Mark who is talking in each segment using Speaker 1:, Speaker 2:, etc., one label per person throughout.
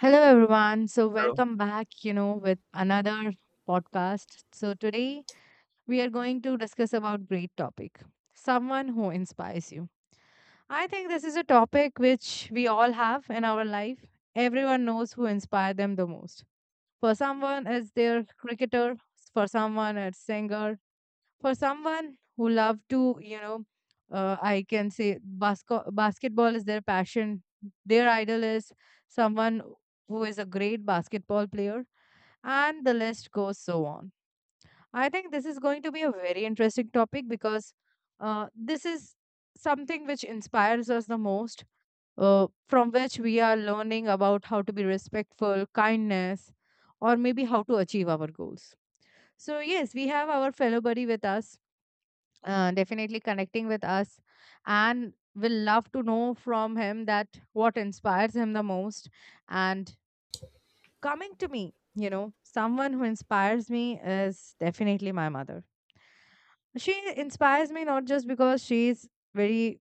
Speaker 1: Hello, everyone. So,
Speaker 2: So
Speaker 1: welcome back, you know, with another podcast. So today we are going to discuss about great topic, someone who inspires you. I think this is a topic which we all have in our life. Everyone knows who inspired them the most. For someone, it's their cricketer. For someone, it's singer, for someone who love to you know I can say basketball is their passion, their idol is someone who is a great basketball player, and the list goes so on. I think this is going to be a very interesting topic because uh, this is something which inspires us the most, uh, from which we are learning about how to be respectful, kindness, or maybe how to achieve our goals. So yes, we have our fellow buddy with us, definitely connecting with us, and will love to know from him that what inspires him the most. And coming to me, you know, someone who inspires me is definitely my mother. She inspires me not just because she's very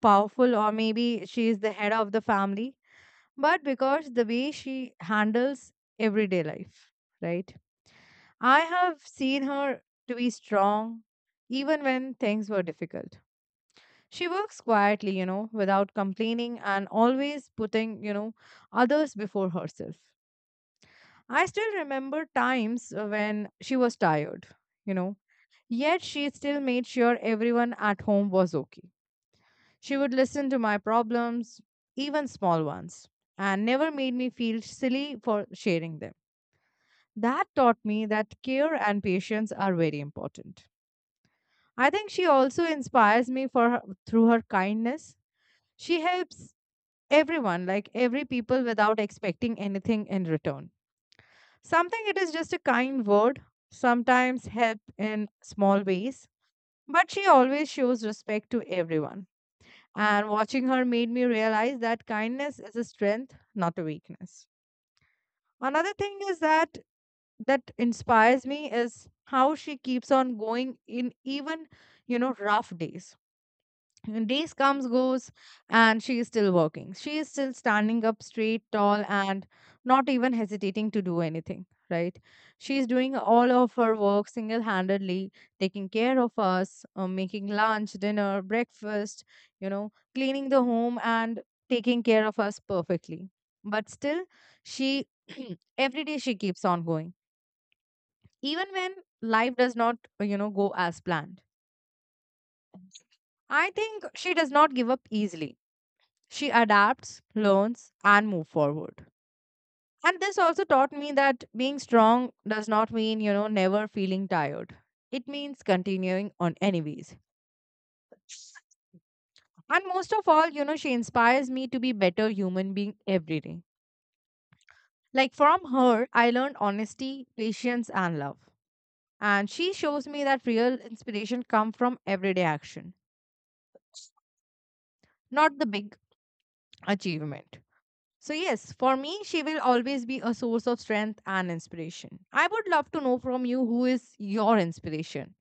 Speaker 1: powerful or maybe she is the head of the family, but because the way she handles everyday life, right? I have seen her to be strong even when things were difficult. She works quietly, you know, without complaining and always putting, you know, others before herself. I still remember times when she was tired, you know, yet she still made sure everyone at home was okay. She would listen to my problems, even small ones, and never made me feel silly for sharing them. That taught me that care and patience are very important. I think she also inspires me for her, through her kindness. She helps everyone, like every people, without expecting anything in return. Something it is just a kind word, sometimes help in small ways, but she always shows respect to everyone. And watching her made me realize that kindness is a strength, not a weakness. Another thing is that inspires me is how she keeps on going in even, you know, rough days. Days comes, goes, and she is still working. She is still standing up straight, tall, and not even hesitating to do anything, right? She is doing all of her work single handedly, taking care of us, making lunch, dinner, breakfast, you know, cleaning the home and taking care of us perfectly. But still, she every day she keeps on going, even when life does not, you know, go as planned. I think she does not give up easily. She adapts, learns, and move forward. And this also taught me that being strong does not mean, you know, never feeling tired. It means continuing on anyways. And most of all, you know, she inspires me to be better human being every day. Like from her, I learned honesty, patience, and love. And she shows me that real inspiration come from everyday action, not the big achievement. So yes, for me, she will always be a source of strength and inspiration. I would love to know from you who is your inspiration.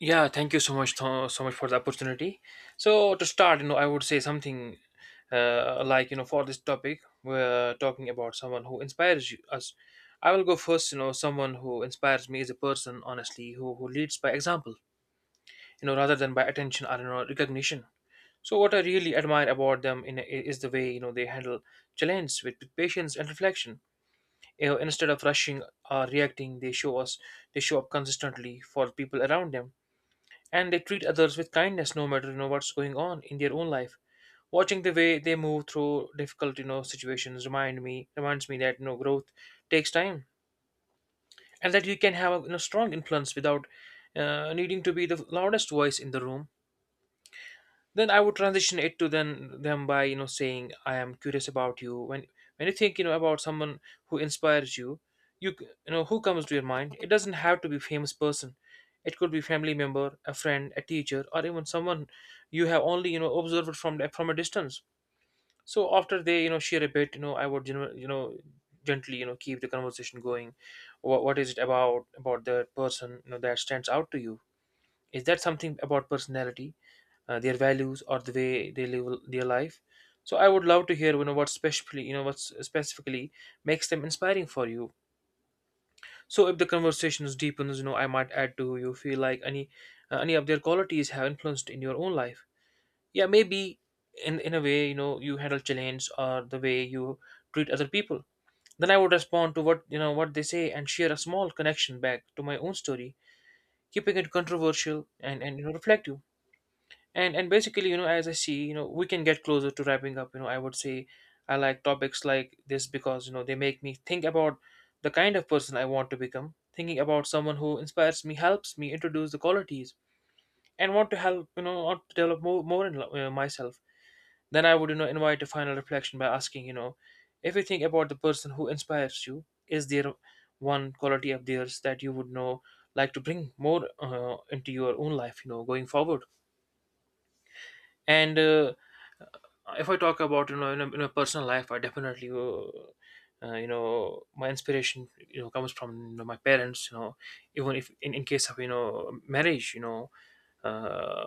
Speaker 2: yeah, thank you so much, so much for the opportunity. So to start, I would say something like for this topic, we're talking about someone who inspires us. I will go first. You know, someone who inspires me is a person, honestly, who leads by example. You know, rather than by attention or recognition. So what I really admire about them in is the way they handle challenges with patience and reflection. You know, instead of rushing or reacting, they show up consistently for people around them, and they treat others with kindness no matter what's going on in their own life. Watching the way they move through difficult, situations, reminds me that growth takes time, and that you can have a, strong influence without needing to be the loudest voice in the room. Then I would transition it to then them by saying, I am curious about you. When you think about someone who inspires you, you know who comes to your mind. It doesn't have to be famous person. It could be family member, a friend, a teacher, or even someone you have only observed from a distance. So after they share a bit, I would gently keep the conversation going. What is it about the person that stands out to you? Is that something about personality, their values, or the way they live their life? So I would love to hear what specifically makes them inspiring for you. So if the conversation deepens, I might add, to you feel like any of their qualities have influenced in your own life? Yeah, maybe in a way, you handle challenge or the way you treat other people. Then I would respond to what you know what they say and share a small connection back to my own story, keeping it controversial and reflective. And basically, as I see, we can get closer to wrapping up. You know, I would say, I like topics like this because they make me think about the kind of person I want to become. Thinking about someone who inspires me helps me introduce the qualities and want to help you know want to develop more in myself. Then I would invite a final reflection by asking, if you think about the person who inspires you, is there one quality of theirs that you would know like to bring more into your own life, going forward? And If I talk about in a personal life, I definitely, my inspiration, comes from, my parents. You know, even if in case of, marriage, uh,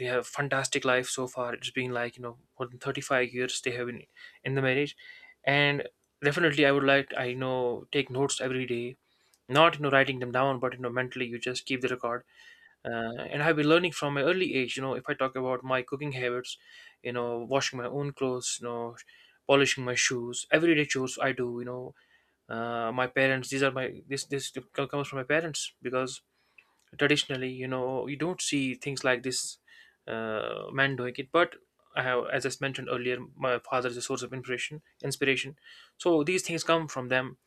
Speaker 2: they have fantastic life so far. It's been like, more than 35 years they have been in the marriage, and definitely I would like I take notes every day. Not, writing them down, but, mentally you just keep the record. uh, and I've been learning from my early age. You know, if I talk about my cooking habits, you know, washing my own clothes, you know, polishing my shoes, everyday chores I do. You know, my parents. These are my this this comes from my parents because traditionally, you know, you don't see things like this, man doing it, but. I have, as I mentioned earlier, my father is a source of inspiration. Inspiration, so these things come from them.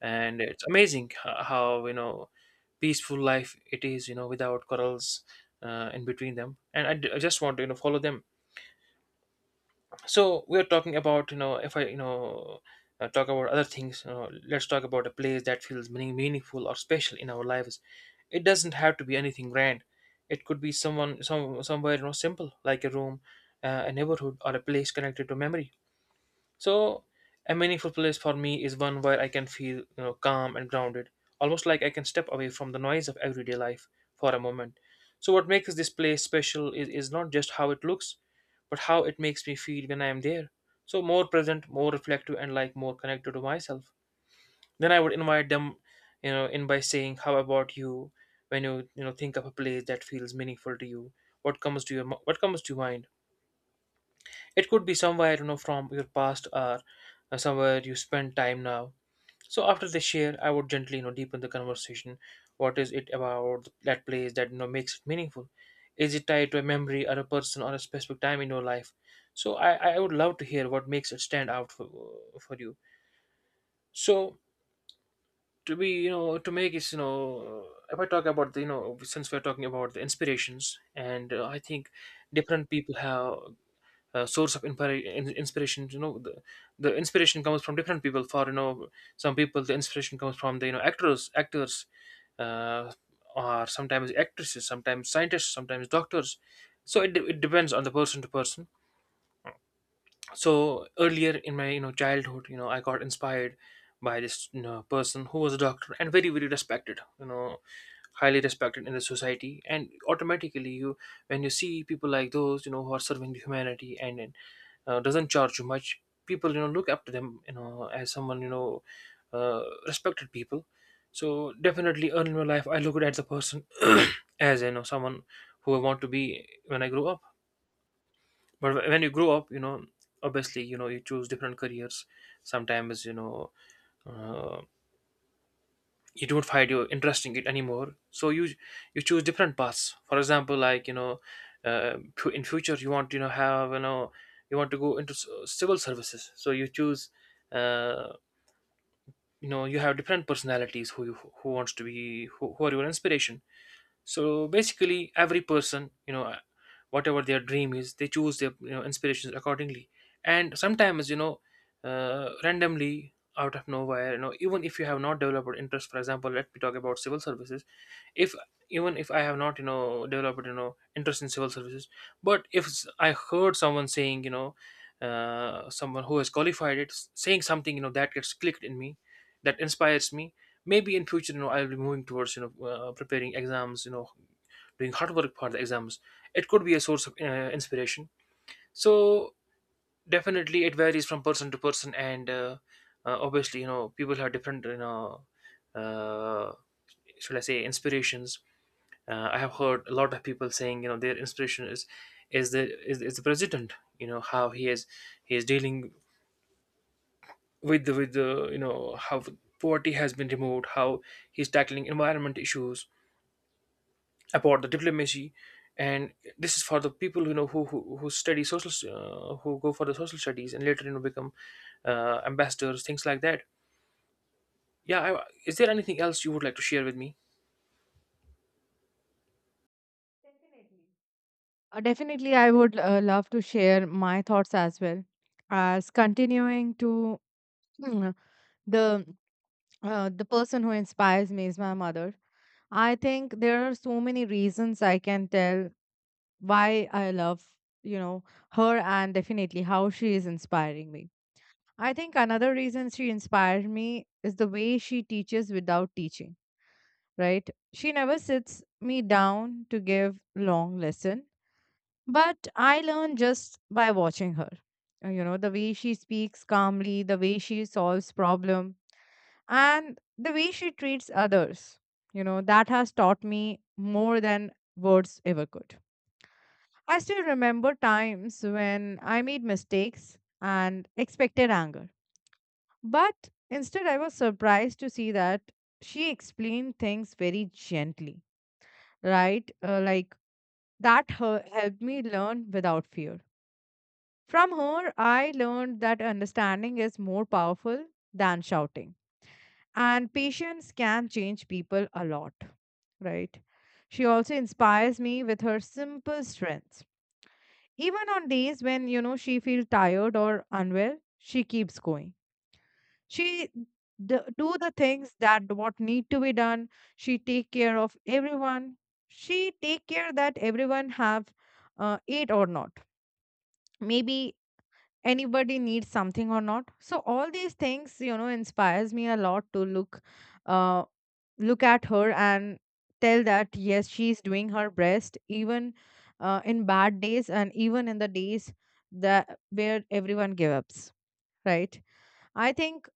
Speaker 2: And it's amazing, how, peaceful life it is, without corals, in between them. And I just want to, follow them. So we're talking about, if I talk about other things, let's talk about a place that feels meaningful or special in our lives. It doesn't have to be anything grand. It could be some somewhere, simple like a room, a neighborhood, or a place connected to memory. So a meaningful place for me is one where I can feel, you know, calm and grounded, almost like I can step away from the noise of everyday life for a moment. So what makes this place special is not just how it looks, but how it makes me feel when I am there. So more present, more reflective, and like more connected to myself. Then I would invite them, you know, in by saying, How about you, when you know think of a place that feels meaningful to you? What comes to your what comes to your mind? It could be somewhere, I don't know, from your past, or somewhere you spend time now. So after they share, I would gently, deepen the conversation. What is it about that place that, makes it meaningful? Is it tied to a memory or a person or a specific time in your life? So I would love to hear what makes it stand out for you. So to be, to make it, if I talk about the, since we're talking about the inspirations, and I think different people have, source of inspiration. You know, the inspiration comes from different people. For, some people the inspiration comes from the, actors, uh, or sometimes actresses, sometimes scientists, sometimes doctors. So it depends on the person to person. So earlier in my, childhood, I got inspired by this, person who was a doctor, and very respected, highly respected in the society. And automatically you when you see people like those, who are serving the humanity and, doesn't charge you much, people, look up to them, as someone, respected people. So definitely, early in my life, I looked at the person as, someone who I want to be when I grow up. But when you grow up, obviously, you choose different careers. Sometimes, uh, you don't find you interesting it anymore, so you choose different paths. For example, like, in future, you want, have, you want to go into, civil services, so you choose, uh, you have different personalities who wants to be, who are your inspiration. So basically every person, whatever their dream is, they choose their, inspirations accordingly. And sometimes, randomly out of nowhere, even if you have not developed interest. For example, let me talk about civil services. If even if I have not, developed, interest in civil services, but if, I heard someone saying, someone who has qualified it, saying something, that gets clicked in me, that inspires me. Maybe in future, I'll be moving towards, preparing exams, doing hard work for the exams. It could be a source of, inspiration. So definitely it varies from person to person. And Obviously, people have different, uh, should I say, inspirations. I have heard a lot of people saying, their inspiration is the is the president. You know how he is dealing with the with the, how poverty has been removed, how he's tackling environment issues, about the diplomacy. And this is for the people, who study social, who go for the social studies, and later, become, ambassadors, things like that. Yeah, is there anything else you would like to share with me?
Speaker 1: Definitely, I would love to share my thoughts as well. As continuing to mm, the the person who inspires me is my mother. I think there are so many reasons I can tell why I love, you know, her, and definitely how she is inspiring me. I think another reason she inspires me is the way she teaches without teaching, right? She never sits me down to give long lesson, but I learn just by watching her. You know, the way she speaks calmly, the way she solves problem, and the way she treats others. You know, that has taught me more than words ever could. I still remember times when I made mistakes and expected anger. But instead, I was surprised to see that she explained things very gently, right? Helped me learn without fear. From her, I learned that understanding is more powerful than shouting, and patience can change people a lot, right? She also inspires me with her simple strengths. Even on days when, you know, she feels tired or unwell, she keeps going. She do the things that what need to be done. She take care of everyone. She take care that everyone have ate or not, maybe anybody needs something or not. So all these things, you know, inspires me a lot to look uh look at her and tell that yes, she's doing her best even in bad days and even in the days that where everyone gives up, right? I think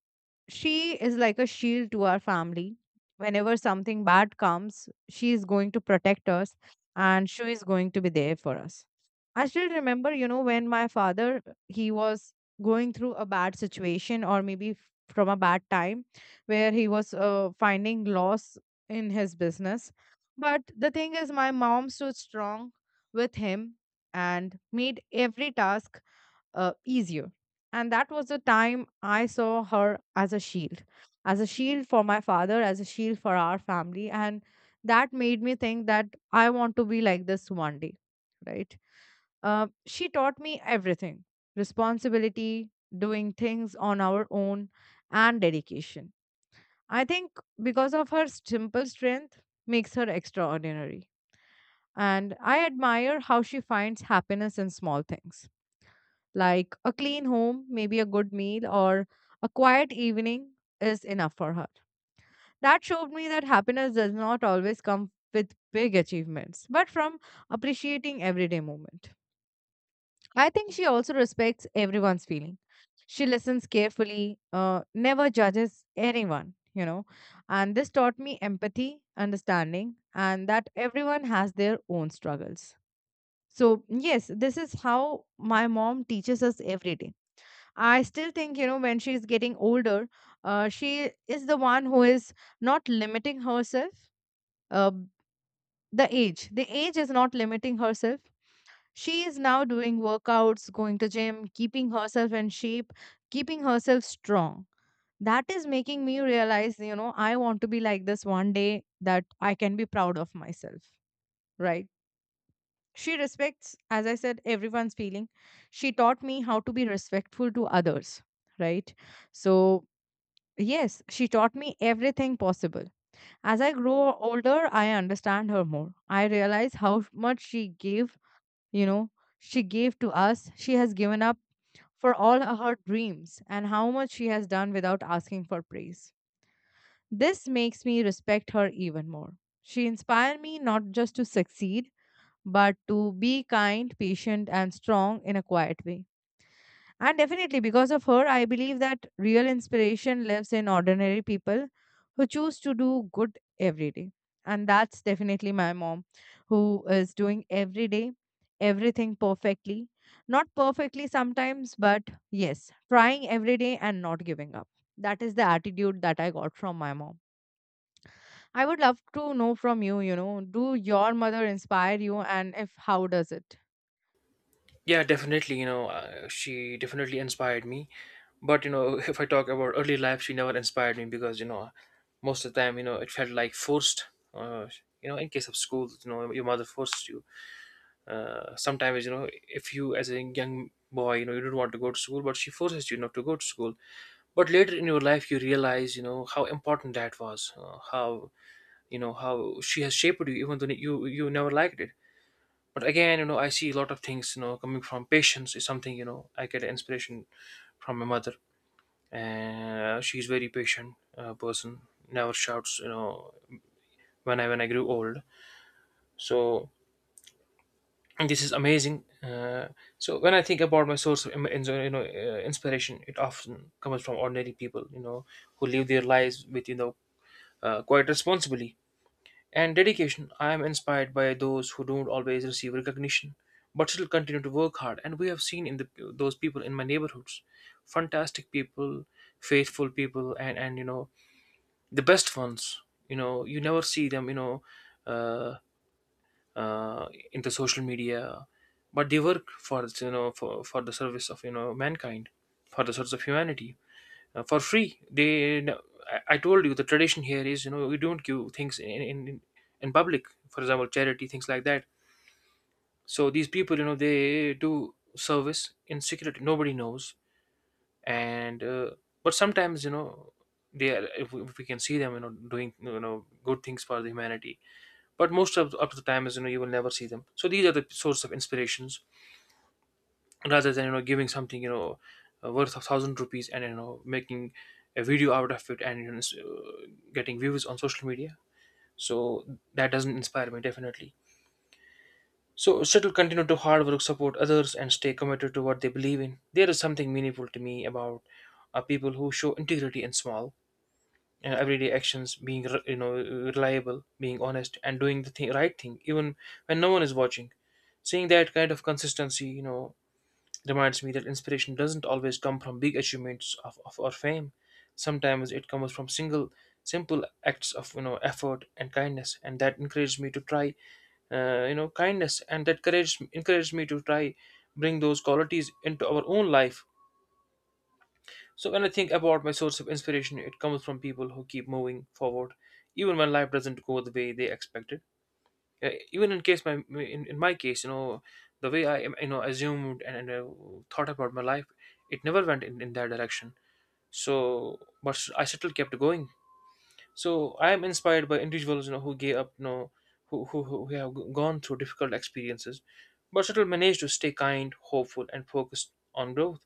Speaker 1: she is like a shield to our family. Whenever something bad comes, she is going to protect us and she is going to be there for us. I still remember, you know, when my father he was going through a bad situation or maybe from a bad time where he was finding loss in his business. But the thing is my mom stood strong with him and made every task easier. And that was the time I saw her as a shield for my father, as a shield for our family. And that made me think that I want to be like this one day, right? She taught me everything, responsibility, doing things on our own, and dedication. I think because of her simple strength, makes her extraordinary. And I admire how she finds happiness in small things like a clean home, maybe a good meal, or a quiet evening is enough for her. That showed me that happiness does not always come with big achievements, but from appreciating everyday moment. I think she also respects everyone's feeling. She listens carefully, never judges anyone, you know. And this taught me empathy, understanding, and that everyone has their own struggles. So yes, this is how my mom teaches us every day. I still think, you know, when she's getting older, she is the one who is not limiting herself. Uh, the age is not limiting herself. She is now doing workouts, going to gym, keeping herself in shape, keeping herself strong. That is making me realize, you know, I want to be like this one day that I can be proud of myself, right? She respects, as I said, everyone's feeling. She taught me how to be respectful to others, right? So yes, she taught me everything possible. As I grow older, I understand her more. I realize how much she gave, you know, she gave to us. She has given up for all her dreams and how much she has done without asking for praise. This makes me respect her even more. She inspired me not just to succeed, but to be kind, patient, and strong in a quiet way. And definitely, because of her, I believe that real inspiration lives in ordinary people who choose to do good every day. And that's definitely my mom, who is doing every day, everything perfectly. Not perfectly sometimes, but yes, trying every day and not giving up. That is the attitude that I got from my mom. I would love to know from you, you know, do your mother inspire you and if how does it?
Speaker 2: Yeah, definitely, she definitely inspired me, but you know if I talk about early life, she never inspired me, because, most of the time, it felt like forced. uh, you know, in case of school, your mother forced you. Sometimes, if you, as a young boy, you don't want to go to school, but she forces you not to go to school. But later in your life, you realize, how important that was. How you know how she has shaped you even though you never liked it. But again, I see a lot of things, coming from patience is something, I get inspiration from my mother. And she's very patient, person. Never shouts, when I grew old. So, and this is amazing, so when I think about my source of inspiration. It often comes from ordinary people, who live their lives with, quite responsibly, and dedication. I am inspired by those who don't always receive recognition, but still continue to work hard. And we have seen in the those people in my neighborhoods, fantastic people, faithful people, and the best ones, you never see them, uh, in the social media, but they work for, for the service of, mankind, for the service of humanity, for free. They, no, I told you the tradition here is, we don't give things in public, for example charity, things like that. So these people, they do service in secret, nobody knows, and, but sometimes, they are, if we can see them, doing, good things for the humanity, but most of up to the time is, you will never see them. So these are the source of inspirations, rather than, giving something, worth of 1,000 rupees, and, making a video out of it, and, getting views on social media. So that doesn't inspire me, definitely. So still continue to hard work, support others, and stay committed to what they believe in. There is something meaningful to me about, people who show integrity in small, everyday actions, being reliable, being honest, and doing right thing, even when no one is watching. Seeing that kind of consistency, reminds me that inspiration doesn't always come from big achievements of or fame. Sometimes it comes from single simple acts of, effort and kindness, and that encourages me to try, kindness, and that courage encourages me to try bring those qualities into our own life. So when I think about my source of inspiration, it comes from people who keep moving forward, even when life doesn't go the way they expected. Even in case in my case, the way I, assumed, and thought about my life, it never went in that direction. So, but I still kept going. So I am inspired by individuals, who gave up, who have gone through difficult experiences, but still managed to stay kind, hopeful, and focused on growth.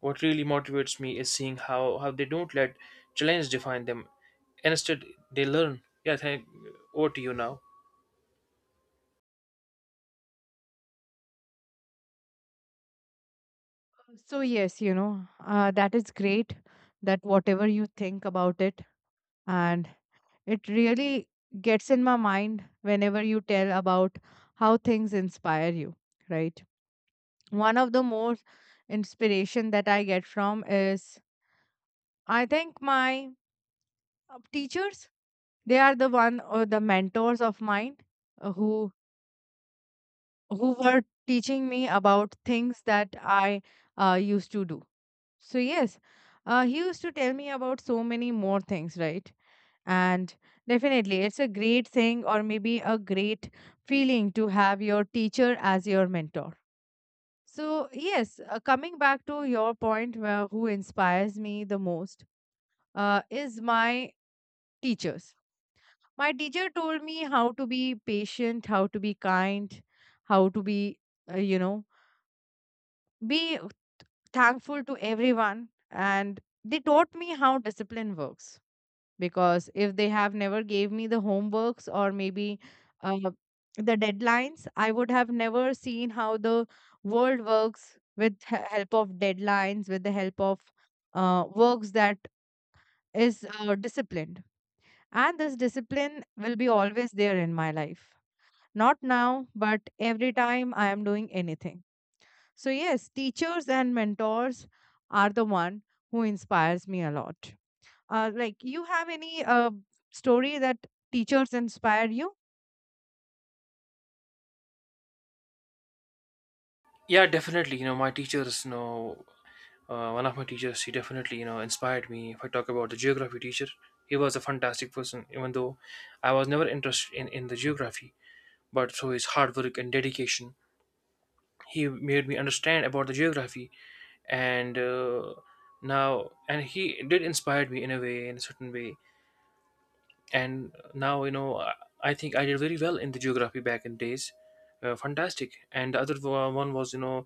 Speaker 2: What really motivates me is seeing how they don't let challenge define them. Instead, they learn. Yeah, thank. Over to you now.
Speaker 1: So yes, you know, that is great that whatever you think about it, and it really gets in my mind whenever you tell about how things inspire you, right? One of the most inspiration that I get from is I think my teachers, they are the one or the mentors of mine uh, who who were teaching me about things that I used to do. So yes, he used to tell me about so many more things, right? And definitely, it's a great thing or maybe a great feeling to have your teacher as your mentor. So yes, coming back to your point, where who inspires me the most is my teachers. My teacher told me how to be patient, how to be kind, how to be, uh, you know, be thankful to everyone. And they taught me how discipline works because if they have never gave me the homeworks or maybe uh, the deadlines, I would have never seen how the world works with help of deadlines, with the help of works that is disciplined. And this discipline will be always there in my life, not now but every time I am doing anything. So yes, teachers and mentors are the one who inspires me a lot. Like, you have any story that teachers inspire you?
Speaker 2: Yeah, definitely. My teachers, one of my teachers, he definitely, inspired me. If I talk about the geography teacher, he was a fantastic person, even though I was never interested in the geography. But through his hard work and dedication, he made me understand about the geography. And, now, and he did inspire me in a way, in a certain way. And now, I think I did very well in the geography back in days. Fantastic. And the other one was,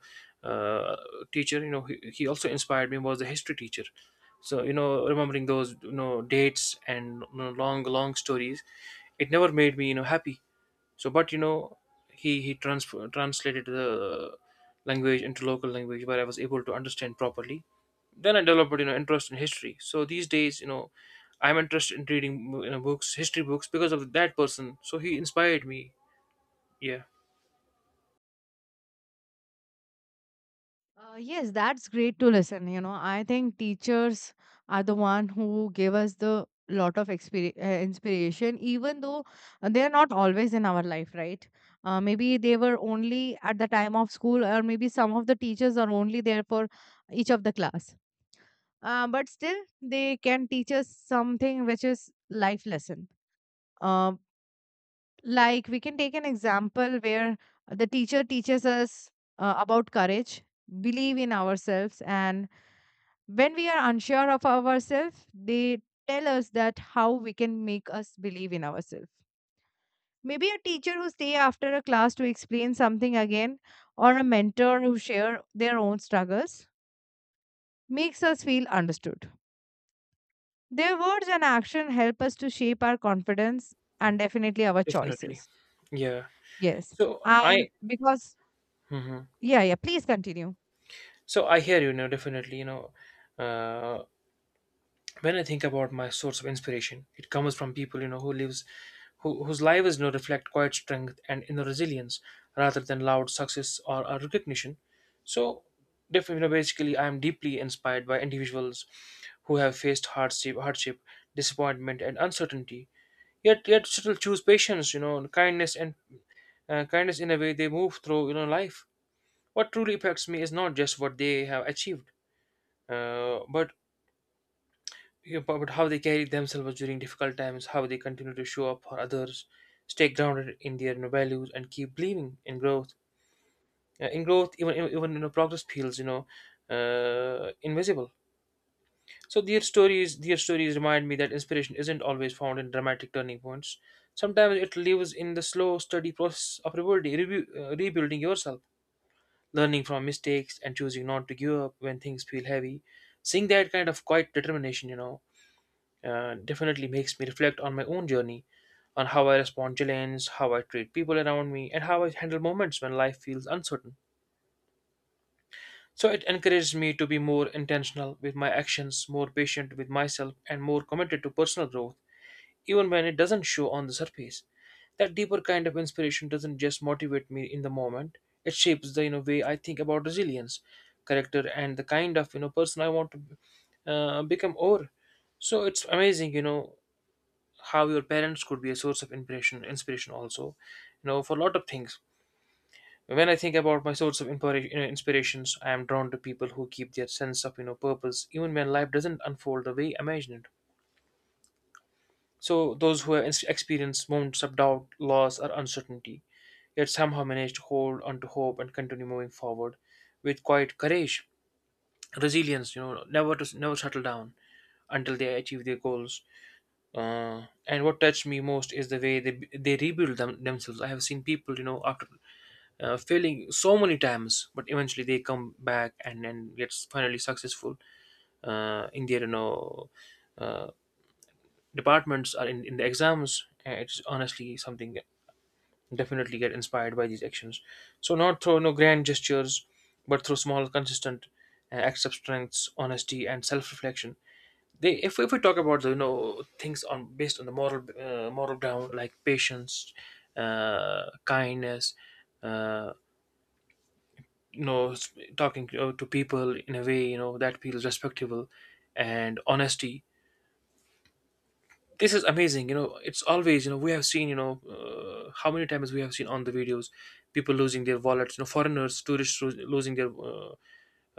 Speaker 2: uh, teacher, he also inspired me was the history teacher. So, remembering those, dates, and, long, long stories, it never made me, happy. So, but, he translated the language into local language where I was able to understand properly. Then I developed, interest in history. So these days, I'm interested in reading, books, history books, because of that person. So he inspired me. Yeah,
Speaker 1: Yes, that's great to listen. You know, I think teachers are the one who gave us the lot of inspiration, even though they are not always in our life, right? Maybe they were only at the time of school, or maybe some of the teachers are only there for each of the class. But still, they can teach us something which is life lesson. Um, Like we can take an example where the teacher teaches us about courage, believe in ourselves, and when we are unsure of ourselves, they tell us that how we can make us believe in ourselves. Maybe a teacher who stay after a class to explain something again, or a mentor who share their own struggles, makes us feel understood. Their words and action help us to shape our confidence and definitely our
Speaker 2: definitely.
Speaker 1: choices.
Speaker 2: Yeah.
Speaker 1: Yes,
Speaker 2: So
Speaker 1: and
Speaker 2: I.
Speaker 1: because
Speaker 2: Mhm.
Speaker 1: yeah, yeah, please continue.
Speaker 2: So I hear you now. Definitely, uh, when I think about my source of inspiration, it comes from people, who, whose lives, reflect quiet strength and inner resilience rather than loud success or recognition. So, basically, I am deeply inspired by individuals who have faced hardship, disappointment, and uncertainty, yet still choose patience, kindness in a way they move through, life. What truly affects me is not just what they have achieved, but Yeah, but how they carry themselves during difficult times, how they continue to show up for others, stay grounded in their, values, and keep believing in growth. In growth, even, progress feels, invisible. So their stories remind me that inspiration isn't always found in dramatic turning points. Sometimes it lives in the slow, steady process of rebuilding yourself, learning from mistakes, and choosing not to give up when things feel heavy. Seeing that kind of quiet determination, definitely makes me reflect on my own journey, on how I respond to challenge, how I treat people around me, and how I handle moments when life feels uncertain. So it encourages me to be more intentional with my actions, more patient with myself, and more committed to personal growth, even when it doesn't show on the surface. That deeper kind of inspiration doesn't just motivate me in the moment; it shapes the, way I think about resilience, character, and the kind of, person I want to, become. Or so it's amazing, how your parents could be a source of inspiration also, for a lot of things. When I think about my source of inspirations, I am drawn to people who keep their sense of, purpose, even when life doesn't unfold the way imagined. So those who have experienced moments of doubt, loss, or uncertainty, yet somehow manage to hold on to hope and continue moving forward with quiet courage, resilience, never settle down until they achieve their goals. And what touched me most is the way they rebuild themselves. I have seen people, after, failing so many times, but eventually they come back and get finally successful, in their, uh, departments or in the exams. It's honestly something. Definitely get inspired by these actions. So, not through no grand gestures, but through small, consistent, acts of strength, honesty, and self-reflection. They, if we talk about the, things on based on the moral ground, like patience, kindness, uh, talking to people in a way, that feels respectable, and honesty. This is amazing, it's always, we have seen, how many times we have seen on the videos. People losing their wallets, foreigners, tourists losing their,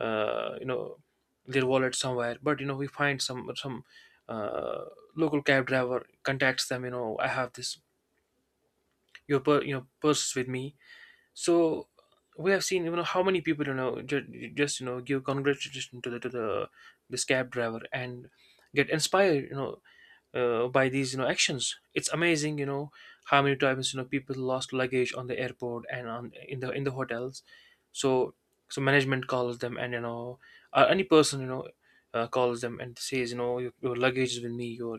Speaker 2: uh, you know their wallet somewhere. But, we find some, uh, local cab driver contacts them. I have this your purse with me. So we have seen, how many people, just, give congratulations to the this cab driver, and get inspired, by these, actions. It's amazing, how many times, people lost luggage on the airport and on in the hotels. So so management calls them, and, or any person, calls them and says, your luggage is with me, your,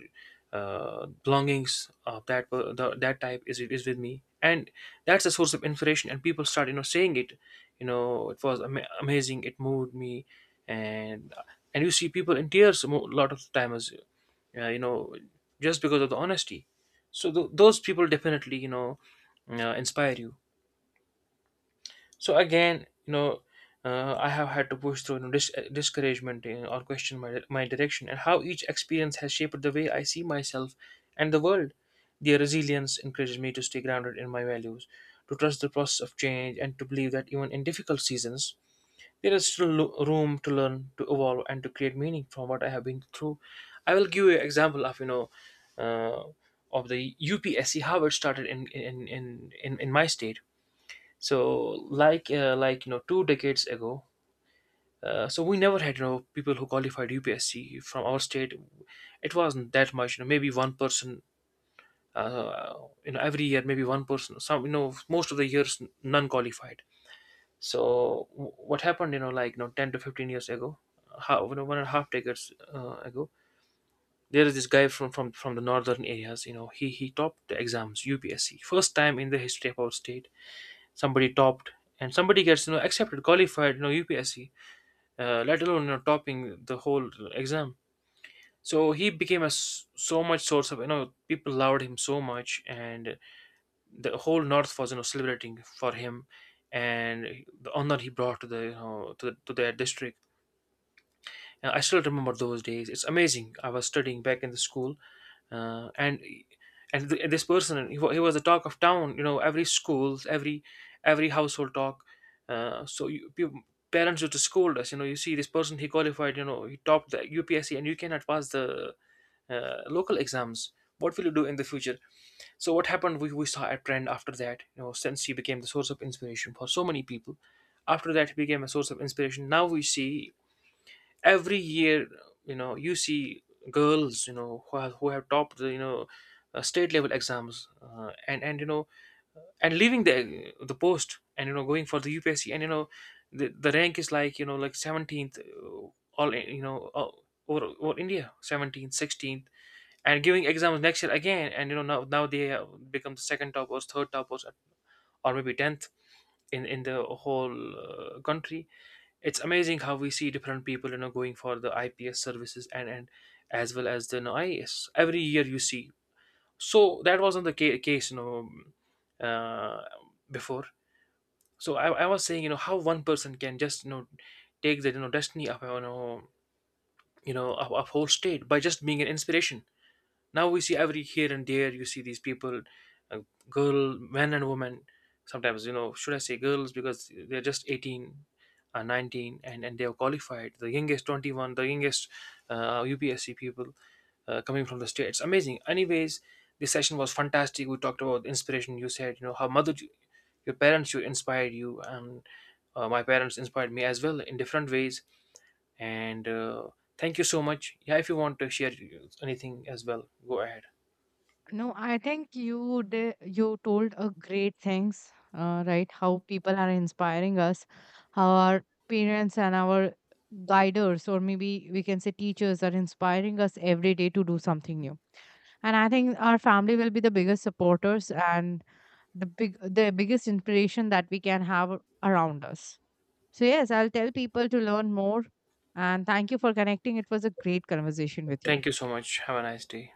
Speaker 2: belongings of that that type is with me, and that's a source of inspiration, and people start, saying it, it was amazing, it moved me, and and you see people in tears a lot of times, uh, you know just because of the honesty. So those people definitely, inspire you. So again, I have had to push through, discouragement, or question my direction, and how each experience has shaped the way I see myself and the world. Their resilience encourages me to stay grounded in my values, to trust the process of change, and to believe that even in difficult seasons, there is still room to learn, to evolve, and to create meaning from what I have been through. I will give you an example of you know uh, of the UPSC how it started in my state. So, like, 2 decades ago. So we never had people who qualified UPSC from our state. It wasn't that much, you know, maybe one person. Uh, every year, maybe one person. Some you know Most of the years, none qualified. So what happened? Like, 10 to 15 years ago, one and a half decades ago, there is this guy from the northern areas. He topped the exams UPSC, first time in the history of our state. Somebody topped, and somebody gets accepted, qualified, UPSC, let alone topping the whole exam. So he became a so much source of, people loved him so much, and the whole north was celebrating for him, and the honor he brought to the you know to their district. I still remember those days. It's amazing. I was studying back in the school, uh, and and this person, he was the talk of town. Every school, every household talk. Uh, so you, pe- Parents used to scold us. You see this person, he qualified. He topped the UPSC, and you cannot pass the local exams. What will you do in the future? So what happened? We saw a trend after that. Since he became the source of inspiration for so many people, after that he became a source of inspiration. Now we see every year, you know you see girls who have topped the state level exams, and and leaving the post and going for the UPSC, and the rank is like, like 17th, all you know all, over, over India, 17th, 16th, and giving exams next year again, and now they become the second toppers, third toppers, or maybe 10th in the whole country. It's amazing how we see different people going for the IPS services and as well as the IAS every year, you see. So that wasn't the case, uh, before. So I was saying, how one person can just take the destiny of, of whole state by just being an inspiration. Now we see every here and there, you see these people, uh, girl, men and women. Sometimes, should I say girls, because they're just 18, 19, and they are qualified. The youngest 21, the youngest UPSC people, coming from the states. Amazing. Anyways, this session was fantastic. We talked about inspiration. You said, how mother, your parents, you inspired you, and my parents inspired me as well in different ways. And thank you so much. Yeah, if you want to share anything as well, go ahead.
Speaker 1: No, I think you did, you told a great things, right? How people are inspiring us, how our parents and our guiders, or maybe we can say teachers, are inspiring us every day to do something new. And I think our family will be the biggest supporters and the biggest inspiration that we can have around us. So yes, I'll tell people to learn more. And thank you for connecting. It was a great conversation with you.
Speaker 2: Thank you so much. Have a nice day.